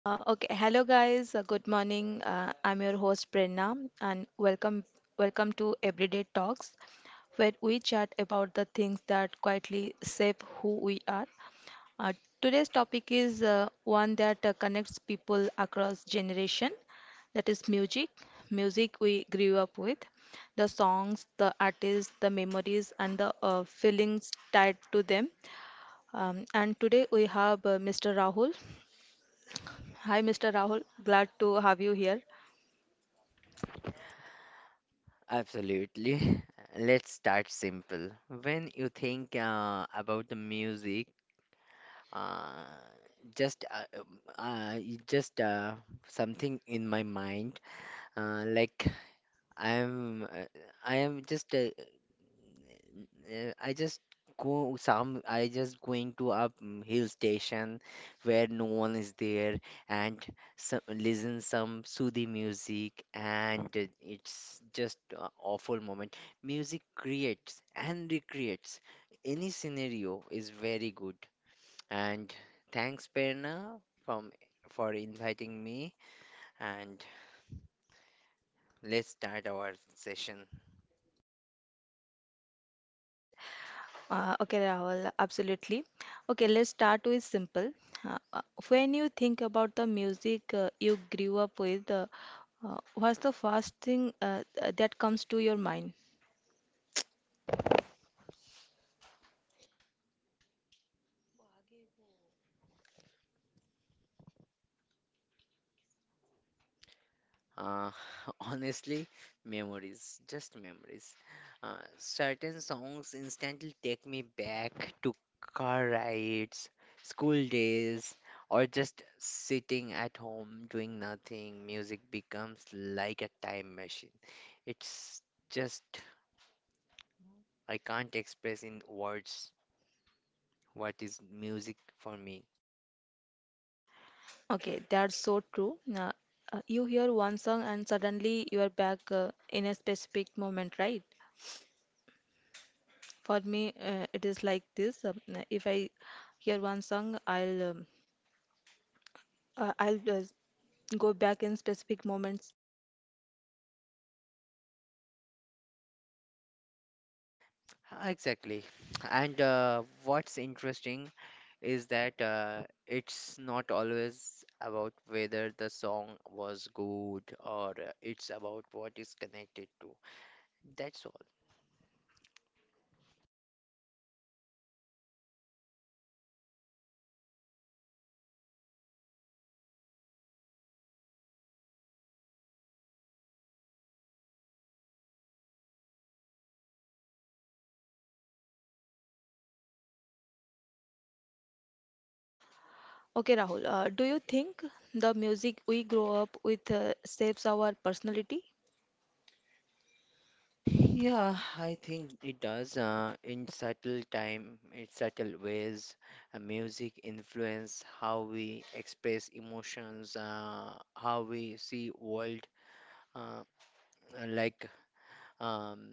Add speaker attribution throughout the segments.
Speaker 1: Okay, Hello guys. Good morning. I'm your host Prerna, and welcome to Everyday Talks, where we chat about the things that quietly shape who we are. Uh, Today's topic is one that connects people across generation. That is music, music we grew up with, the songs, the artists, the memories, and the feelings tied to them. And today we have Mr. Rahul. Hi, Mr. Rahul. Glad to have you here.
Speaker 2: Absolutely. Let's start simple. When you think about the music, uh, just you just something in my mind. Like I am, uh, I am just uh, I just go some I just going to a hill station where no one is there and some, listen some soothing music and it's just a awful moment. Music creates and recreates any scenario is very good and thanks Perna from for inviting me and let's start our session.
Speaker 1: Okay, Rahul, absolutely. Okay, let's start with simple. Uh, uh, when you think about the music you grew up with, what's the first thing that comes to your mind?
Speaker 2: Uh, honestly, memories, just memories. Certain songs instantly take me back to car rides, school days, or just sitting at home doing nothing. Music becomes like a time machine. It's just, I can't express in words what is music for me.
Speaker 1: Okay, that's so true. You hear one song and suddenly you are back in a specific moment, right? For me, it is like this. If I hear one song, I'll go back in specific moments.
Speaker 2: Exactly. And what's interesting is that it's not always about whether the song was good or it's about what is connected to. That's all.
Speaker 1: Okay, Rahul, do you think the music we grow up with shapes our personality?
Speaker 2: Yeah, I think it does. In subtle time, in subtle ways, music influence how we express emotions, how we see world. Uh, uh, like um,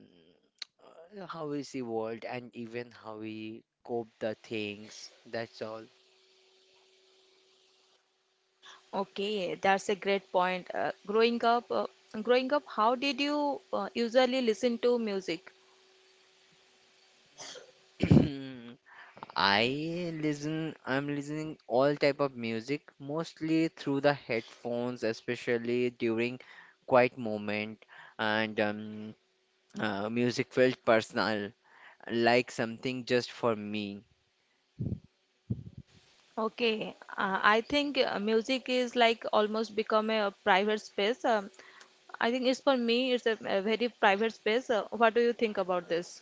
Speaker 2: how we see world and even how we cope the things. That's all.
Speaker 1: Okay, that's a great point. Growing up, how did you usually listen to music?
Speaker 2: I listen. I'm listening all type of music, mostly through the headphones, especially during quiet moment and music felt personal, like something just for me.
Speaker 1: Okay, I think music is like almost become a private space. I think it's for me, it's a very private space. What do you think about this?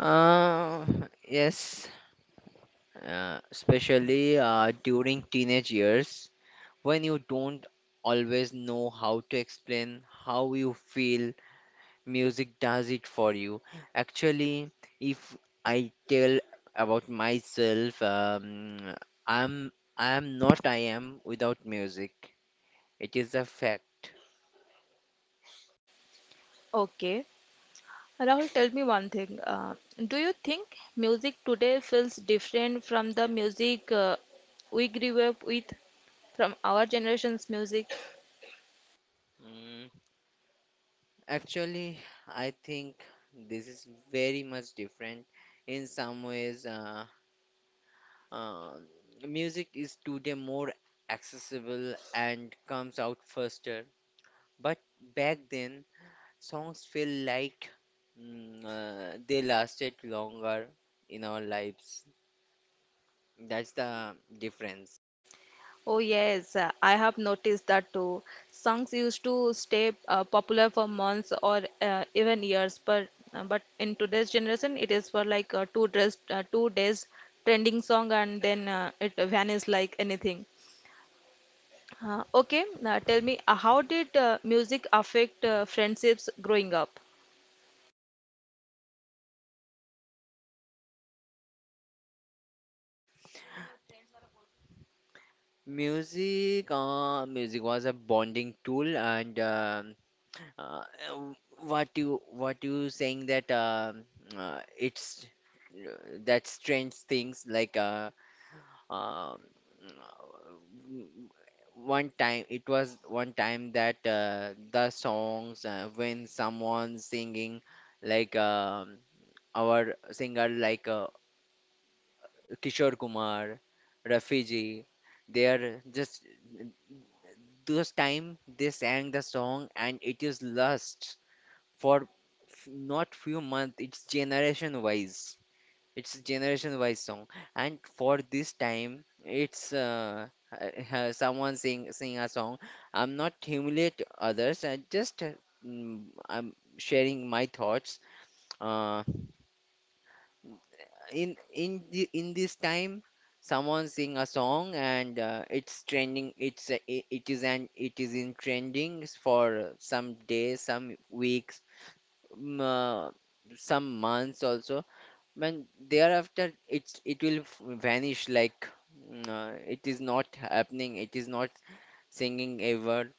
Speaker 2: Uh, yes, Especially during teenage years. When you don't always know how to explain how you feel, music does it for you. Actually, if I tell about myself, I'm I am not I am without music. It is a fact.
Speaker 1: Okay. Rahul, tell me one thing. Do you think music today feels different from the music we grew up with, from our generation's music?
Speaker 2: Mm, actually, I think this is very much different. In some ways, uh, music is today more accessible and comes out faster. But back then, songs feel like they lasted longer in our lives. That's the difference.
Speaker 1: Oh, yes, I have noticed that too. Songs used to stay popular for months or even years, but in today's generation, it is for like uh, 2 days trending song, and then it vanishes like anything. Okay, Now tell me, how did music affect friendships growing up?
Speaker 2: Music, music was a bonding tool, and uh, what you saying that it's that strange things like Um, one time that the songs when someone singing like our singer like Kishore Kumar, Rafi ji, they are just those time they sang the song and it is lost for not few months. It's generation wise. It's a generation-wise song, and for this time, it's someone sing a song. I'm not humiliate others. I just I'm sharing my thoughts. Uh, in this time, someone sing a song and it's trending. It is an it is in trending for some days, some weeks, mm, uh, some months also. When thereafter it will vanish like it is not happening, it is not singing ever.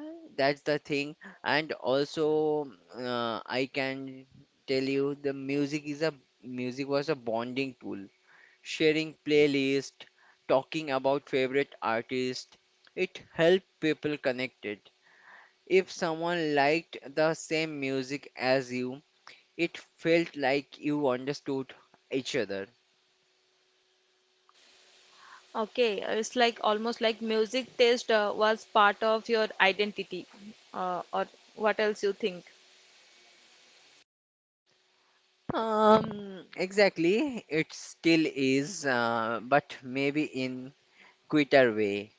Speaker 2: Uh, That's the thing. And also, I can tell you the music is a music was a bonding tool. Sharing playlist, talking about favorite artist, it helped people connected. If someone liked the same music as you, it felt like you understood each other.
Speaker 1: Okay, it's like almost like music taste was part of your identity, or what else you think?
Speaker 2: Exactly. It still is, but maybe in quicker way.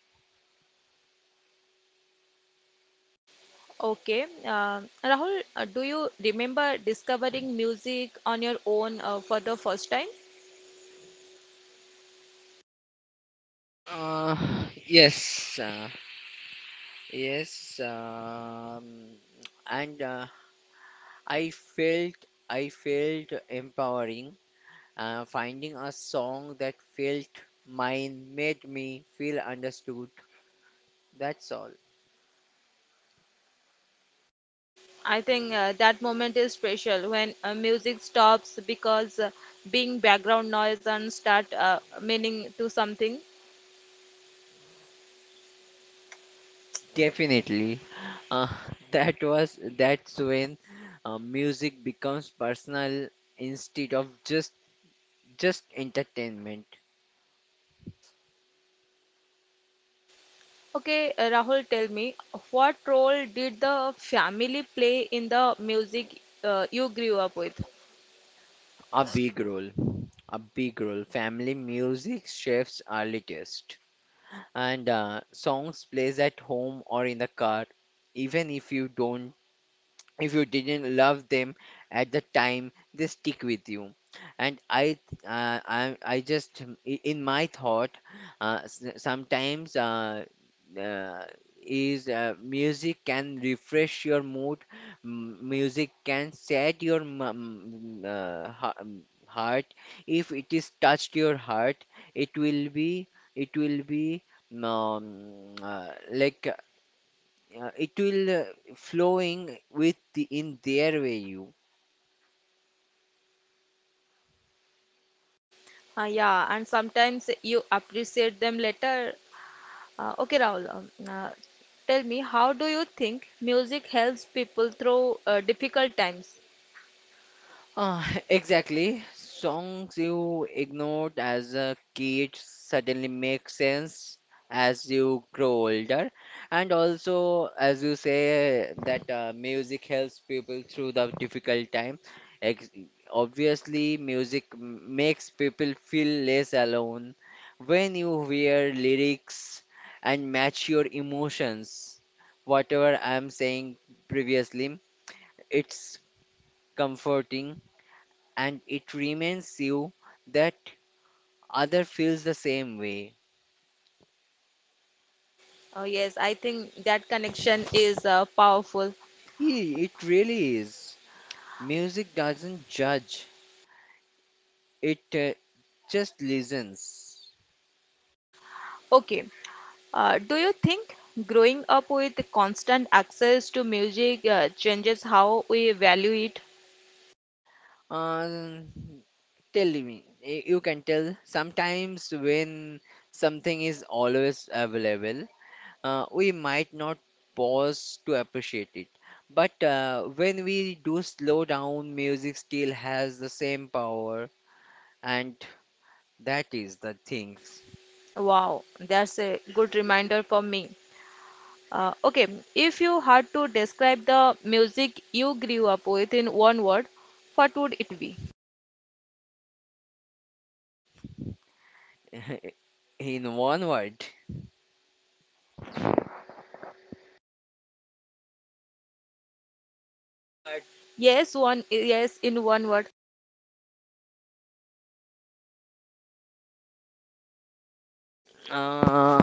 Speaker 1: Okay, Rahul, do you remember discovering music on your own for the first time?
Speaker 2: Uh, yes, uh, yes. And I felt I felt empowering. Finding a song that felt mine made me feel understood. That's all.
Speaker 1: I think that moment is special when music stops because being background noise and start meaning to something.
Speaker 2: Definitely. Uh, that's when music becomes personal instead of just entertainment.
Speaker 1: Okay, Rahul, tell me what role did the family play in the music you grew up with?
Speaker 2: A big role, a big role. Family music shapes our latest, and songs plays at home or in the car, even if you don't if you didn't love them at the time they stick with you and I just in my thought sometimes uh, is music can refresh your mood music can set your heart if it is touched your heart it will be it will be um, uh, like it will flowing in their way.
Speaker 1: Yeah, and sometimes you appreciate them later. Okay, Rahul, tell me, how do you think music helps people through difficult times?
Speaker 2: Exactly. Songs you ignored as a kid suddenly make sense as you grow older. And also, as you say, that music helps people through the difficult time. Ex Obviously, music makes people feel less alone when you hear lyrics and match your emotions. Whatever I'm saying previously, it's comforting and it reminds you that other feels the same way.
Speaker 1: Yes, I think that connection is powerful.
Speaker 2: It really is. Music doesn't judge, it just listens.
Speaker 1: Okay, do you think growing up with constant access to music changes how we value it?
Speaker 2: Uh, tell me, you can tell sometimes when something is always available, we might not pause to appreciate it. But when we do slow down, music still has the same power, and that is the thing.
Speaker 1: Wow, that's a good reminder for me. Uh, okay, if you had to describe the music you grew up with in one word, what would it be?
Speaker 2: In one word,
Speaker 1: Yes, in one word.
Speaker 2: uh,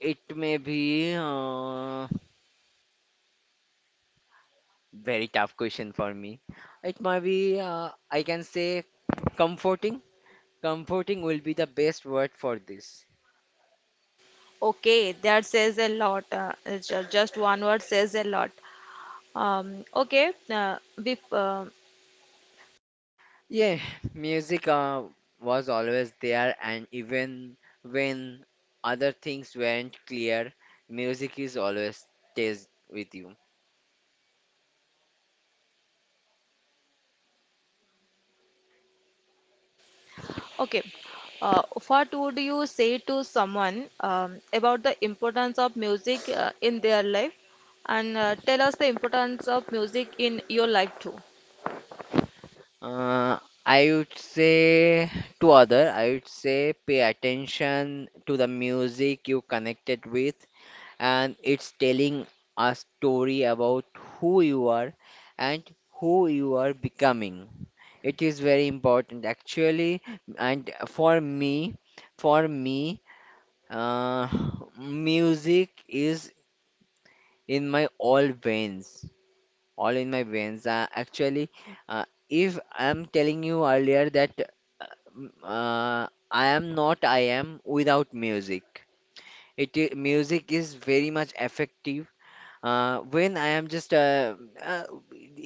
Speaker 2: it may be very tough question for me. It might be, I can say, comforting. Comforting will be the best word for this.
Speaker 1: Okay, that says a lot. It's just one word says a lot. Um, okay, uh, bef uh,
Speaker 2: Yeah, music was always there, and even when other things weren't clear, music is always stays with you.
Speaker 1: okay. What would you say to someone about the importance of music in their life? And tell us the importance of music in your life too.
Speaker 2: Uh, I would say to other, I would say pay attention to the music you connected with, and it's telling a story about who you are and who you are becoming. It is very important actually, and for me, uh, music is in my all veins all in my veins. Actually, if I'm telling you earlier that uh, m- uh, I am not I am without music. Music is very much effective. When I am just uh,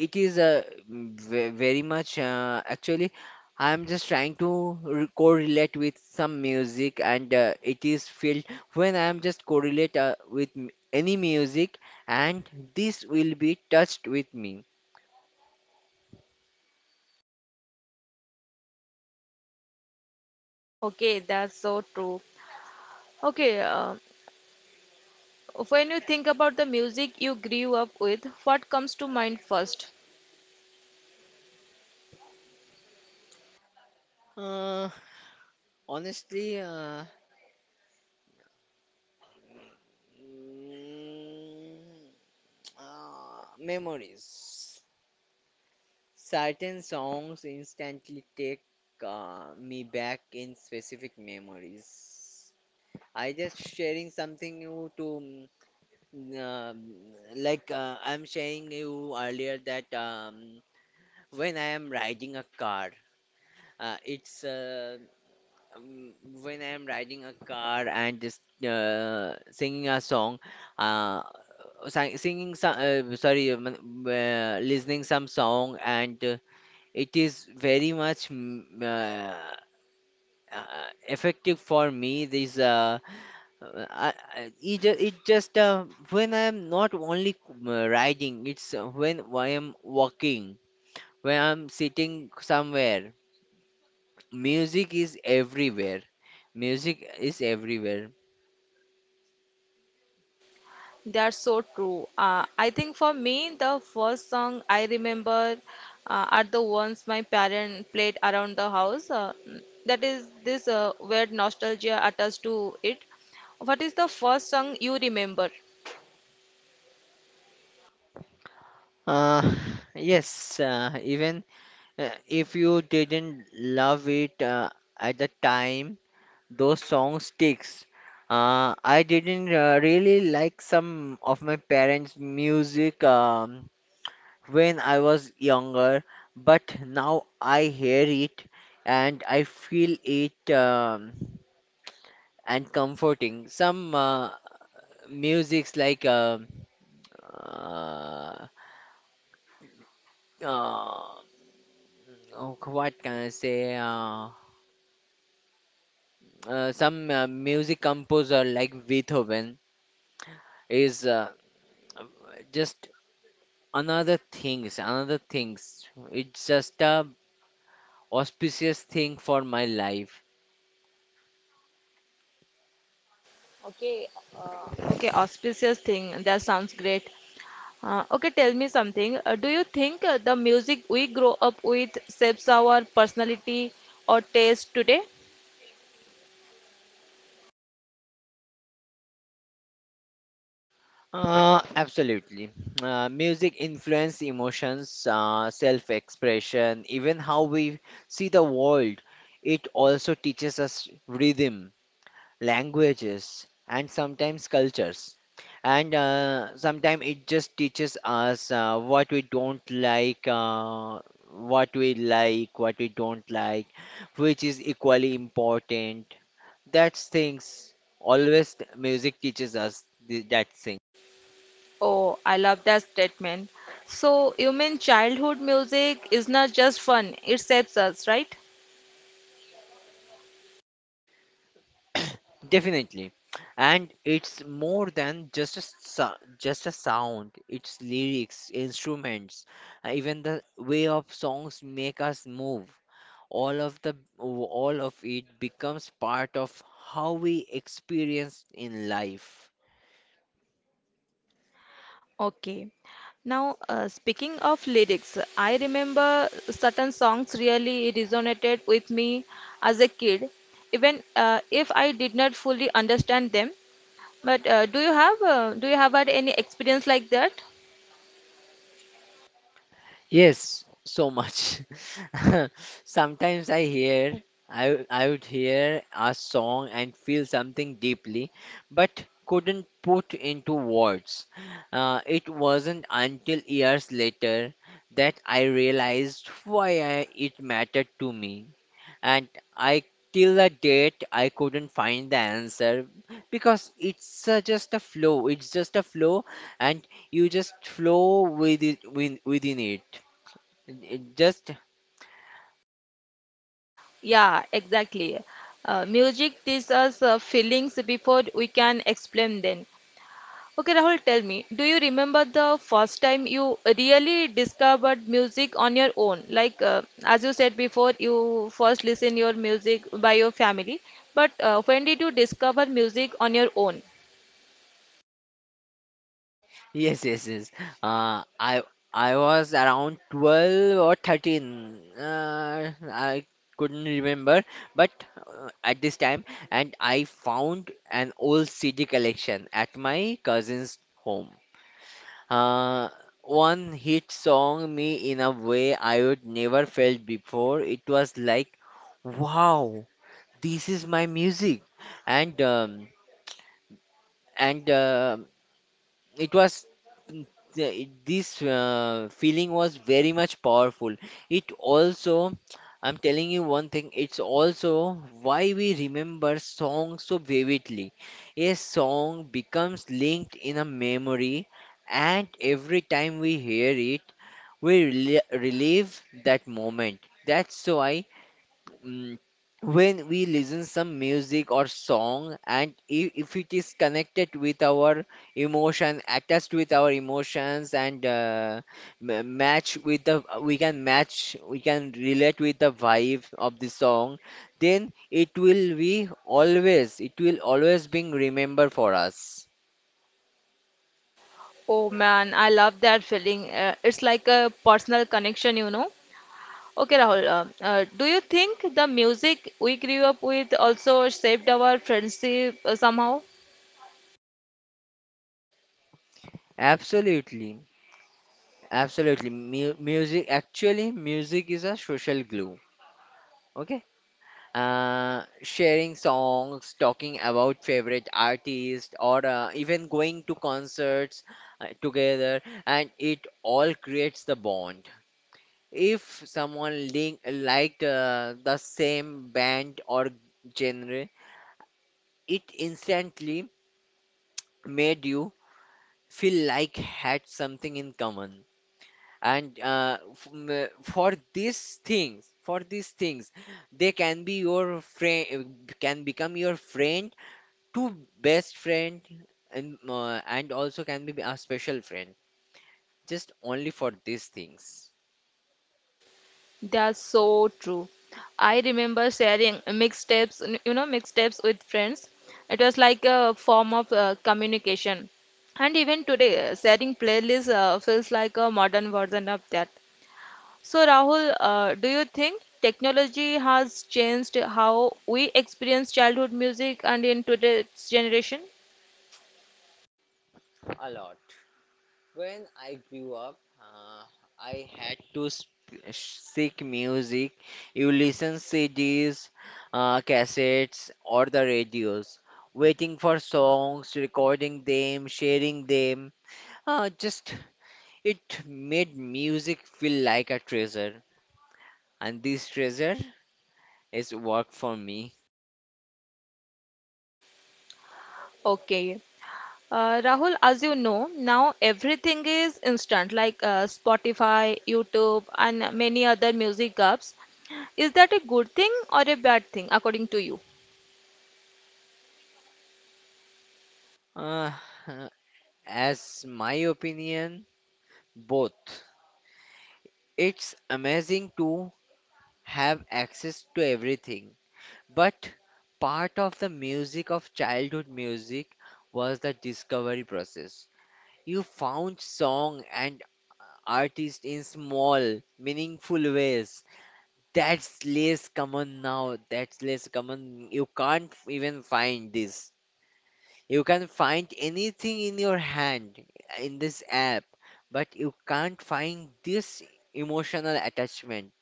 Speaker 2: it is ve- very much actually I am just trying to correlate with some music and it is filled when I am just correlate with any music and this will be touched with me.
Speaker 1: Okay, that's so true. Okay, when you think about the music you grew up with, what comes to mind first?
Speaker 2: Uh, Honestly, mm, memories. Certain songs instantly take me back in specific memories. I just sharing something you to mm, um, like I'm sharing you earlier that when I am riding a car, it's um, when I am riding a car and just singing a song, uh, singing some, sorry, listening some song, and it is very much effective for me. This I- it, ju- It just when I am not only riding, it's when I am walking, when I'm sitting somewhere. Music is everywhere. Music is everywhere.
Speaker 1: That's so true. I think for me, the first song I remember are the ones my parents played around the house. That is this weird nostalgia attached to it. What is the first song you remember?
Speaker 2: Uh, yes, even if you didn't love it at the time, those songs sticks. I didn't really like some of my parents' music when I was younger, but now I hear it and I feel it and comforting. Some musics like uh, uh, oh, what can I say? Some music composer like Beethoven is just another things, another things. It's just a auspicious thing for my life.
Speaker 1: Okay, uh, Okay, auspicious thing. That sounds great. Okay, Tell me something. Do you think the music we grow up with shapes our personality or taste today?
Speaker 2: Absolutely. Music influence emotions, self-expression, even how we see the world. It also teaches us rhythm languages, and sometimes cultures. And sometimes it just teaches us what we like, what we don't like, which is equally important. That's things. Always music teaches us that thing.
Speaker 1: Oh, I love that statement. So, you mean childhood music is not just fun, it shapes us, right?
Speaker 2: Definitely. And it's more than just a just a sound. It's lyrics, instruments, even the way of songs make us move. All of it becomes part of how we experience in life.
Speaker 1: Okay. Now, speaking of lyrics, I remember certain songs really resonated with me as a kid, even if I did not fully understand them. But uh, do you have had any experience like that?
Speaker 2: Yes, so much. Sometimes I would hear a song and feel something deeply, but couldn't put into words. It wasn't until years later that I realized why I, it mattered to me. And I, till the date, I couldn't find the answer because it's just a flow. It's just a flow, and you just flow with it, within it. It just
Speaker 1: Yeah, exactly. Music teaches us feelings before we can explain them. Okay, Rahul, tell me, do you remember the first time you really discovered music on your own? Like, as you said before, you first listen your music by your family. But when did you discover music on your own?
Speaker 2: Yes, yes, yes. Uh, I was around 12 or 13. I couldn't remember, but at this time, and I found an old CD collection at my cousin's home. Uh, one hit song me in a way I would never felt before. It was like, wow, this is my music, and um, and it was this feeling was very much powerful. It also, I'm telling you one thing, it's also why we remember songs so vividly. A song becomes linked in a memory, and every time we hear it we relive that moment. That's why, mm, when we listen some music or song and if it is connected with our emotion attached with our emotions and match with the we can relate with the vibe of the song, then it will always being remembered for us.
Speaker 1: Oh man, I love that feeling. It's like a personal connection, you know. Okay, Rahul, do you think the music we grew up with also shaped our friendship somehow?
Speaker 2: Absolutely, absolutely. Music actually, music is a social glue. Okay, sharing songs, talking about favorite artists, or even going to concerts together, and it all creates the bond. If someone liked the same band or genre, it instantly made you feel like had something in common. And for these things, they can be your friend, can become your friend, two best friend, and also can be a special friend just only for these things.
Speaker 1: That's so true. I remember sharing mixtapes, you know, mixtapes with friends. It was like a form of communication. And even today, sharing playlists feels like a modern version of that. So, Rahul, do you think technology has changed how we experience childhood music and in today's generation?
Speaker 2: A lot. When I grew up, uh, I had to seek music. You listen CDs, cassettes or the radios, waiting for songs, recording them, sharing them. Just it made music feel like a treasure, and this treasure is work for me.
Speaker 1: Okay. Rahul, as you know, now everything is instant, like Spotify, YouTube, and many other music apps. Is that a good thing or a bad thing, according to you?
Speaker 2: Uh, as my opinion, both. It's amazing to have access to everything, but part of the music of childhood music was the discovery process. You found song and artist in small, meaningful ways. That's less common now. That's less common. You can't even find this. You can find anything in your hand in this app, but you can't find this emotional attachment.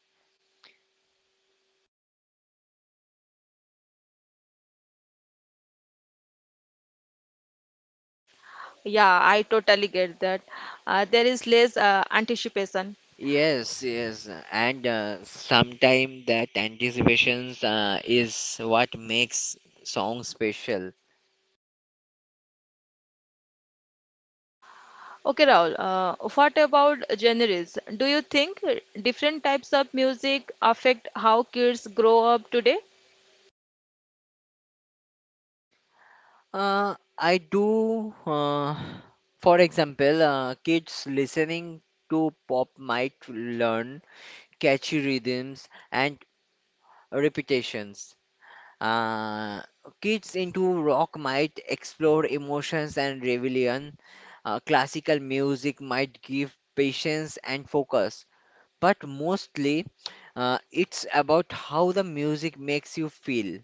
Speaker 1: Yeah, I totally get that. There is less anticipation.
Speaker 2: Yes, yes, and sometimes that anticipations is what makes song special.
Speaker 1: Okay, Rahul, what about genres? Do you think different types of music affect how kids grow up today?
Speaker 2: I do, for example, kids listening to pop might learn catchy rhythms and repetitions. Uh, kids into rock might explore emotions and rebellion. Classical music might give patience and focus. But mostly, it's about how the music makes you feel.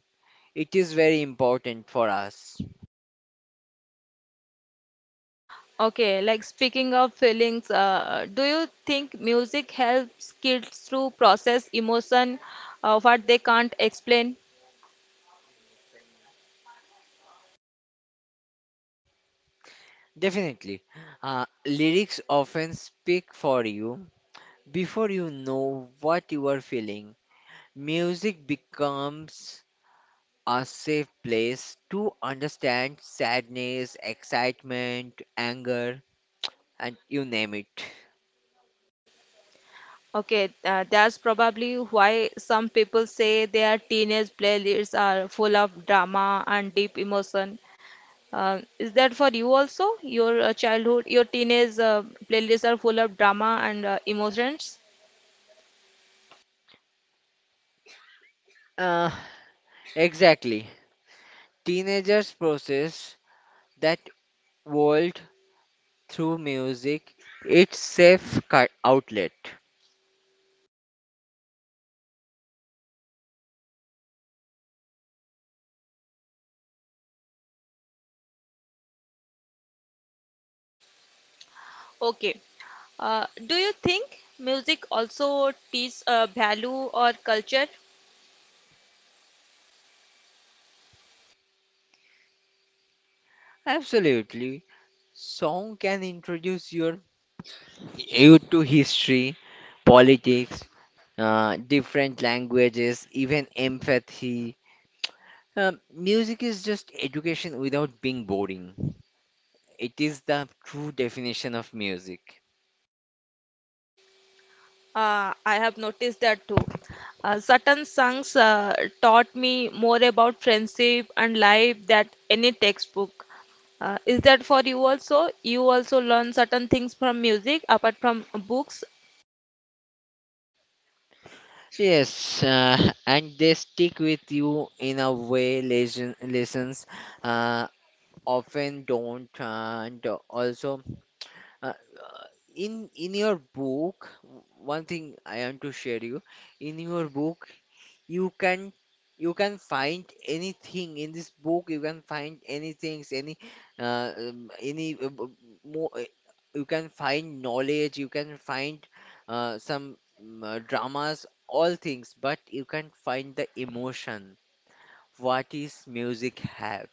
Speaker 2: It is very important for us.
Speaker 1: Okay, like speaking of feelings, do you think music helps kids to process emotion what they can't explain?
Speaker 2: Definitely. Lyrics often speak for you before you know what you are feeling. Music becomes a safe place to understand sadness, excitement, anger, and you name it.
Speaker 1: Okay, that's probably why some people say their teenage playlists are full of drama and deep emotion. Is that for you also? Your childhood, your teenage playlists are full of drama and emotions?
Speaker 2: Uh, exactly. Teenagers process that world through music. It's safe cut outlet.
Speaker 1: Okay. Do you think music also teaches value or culture?
Speaker 2: Absolutely. Song can introduce your you to history, politics, different languages, even empathy. Music is just education without being boring. It is the true definition of music.
Speaker 1: I have noticed that too. Certain songs taught me more about friendship and life than any textbook. Is that for you also? You also learn certain things from music apart from books.
Speaker 2: Yes, and they stick with you in a way lessons uh, often don't. And also, uh, in your book, one thing I want to share you. In your book, you can you can find anything in this book. You can find anything, any more. You can find knowledge. You can find some dramas, all things, but you can't find the emotion. What is music have?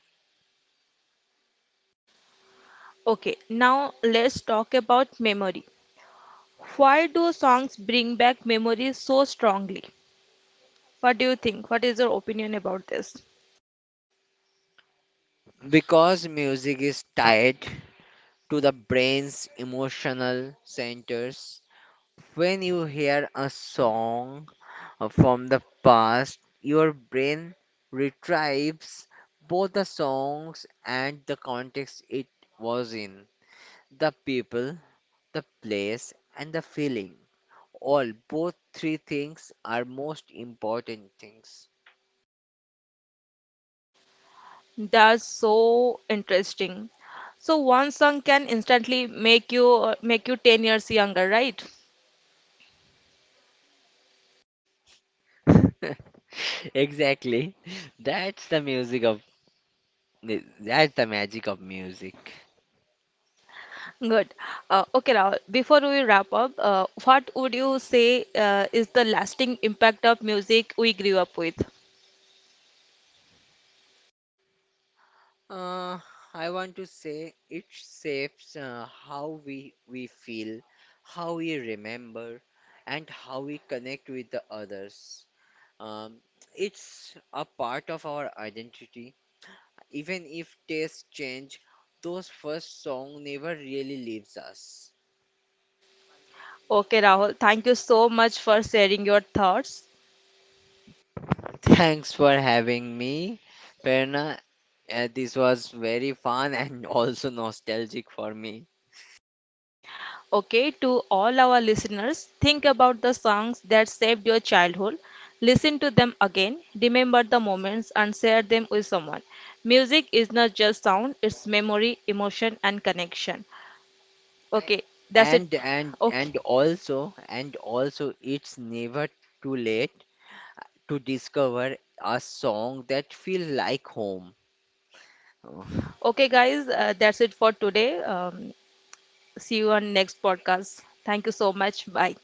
Speaker 1: Okay, now let's talk about memory. Why do songs bring back memories so strongly? What do you think? What is your opinion about this?
Speaker 2: Because music is tied to the brain's emotional centers. When you hear a song from the past, your brain retrieves both the songs and the context it was in, the people, the place and the feeling. All both three things are most important things.
Speaker 1: That's so interesting. So one song can instantly make you 10 years younger, right?
Speaker 2: Exactly. That's the music of that's the magic of music.
Speaker 1: Good. Okay, Rahul, before we wrap up, what would you say is the lasting impact of music we grew up with?
Speaker 2: Uh, I want to say it shapes how we feel, how we remember, and how we connect with the others. Um, it's a part of our identity. Even if tastes change, those first song never really leaves us.
Speaker 1: Okay, Rahul, thank you so much for sharing your thoughts.
Speaker 2: Thanks for having me, Perna. This was very fun and also nostalgic for me.
Speaker 1: Okay, to all our listeners, think about the songs that saved your childhood. Listen to them again, remember the moments, and share them with someone. Music is not just sound, it's memory, emotion, and connection.
Speaker 2: And
Speaker 1: Okay, that's it.
Speaker 2: and
Speaker 1: Okay.
Speaker 2: and also, it's never too late to discover a song that feels like home.
Speaker 1: Okay, guys, that's it for today. See you on next podcast. Thank you so much. Bye.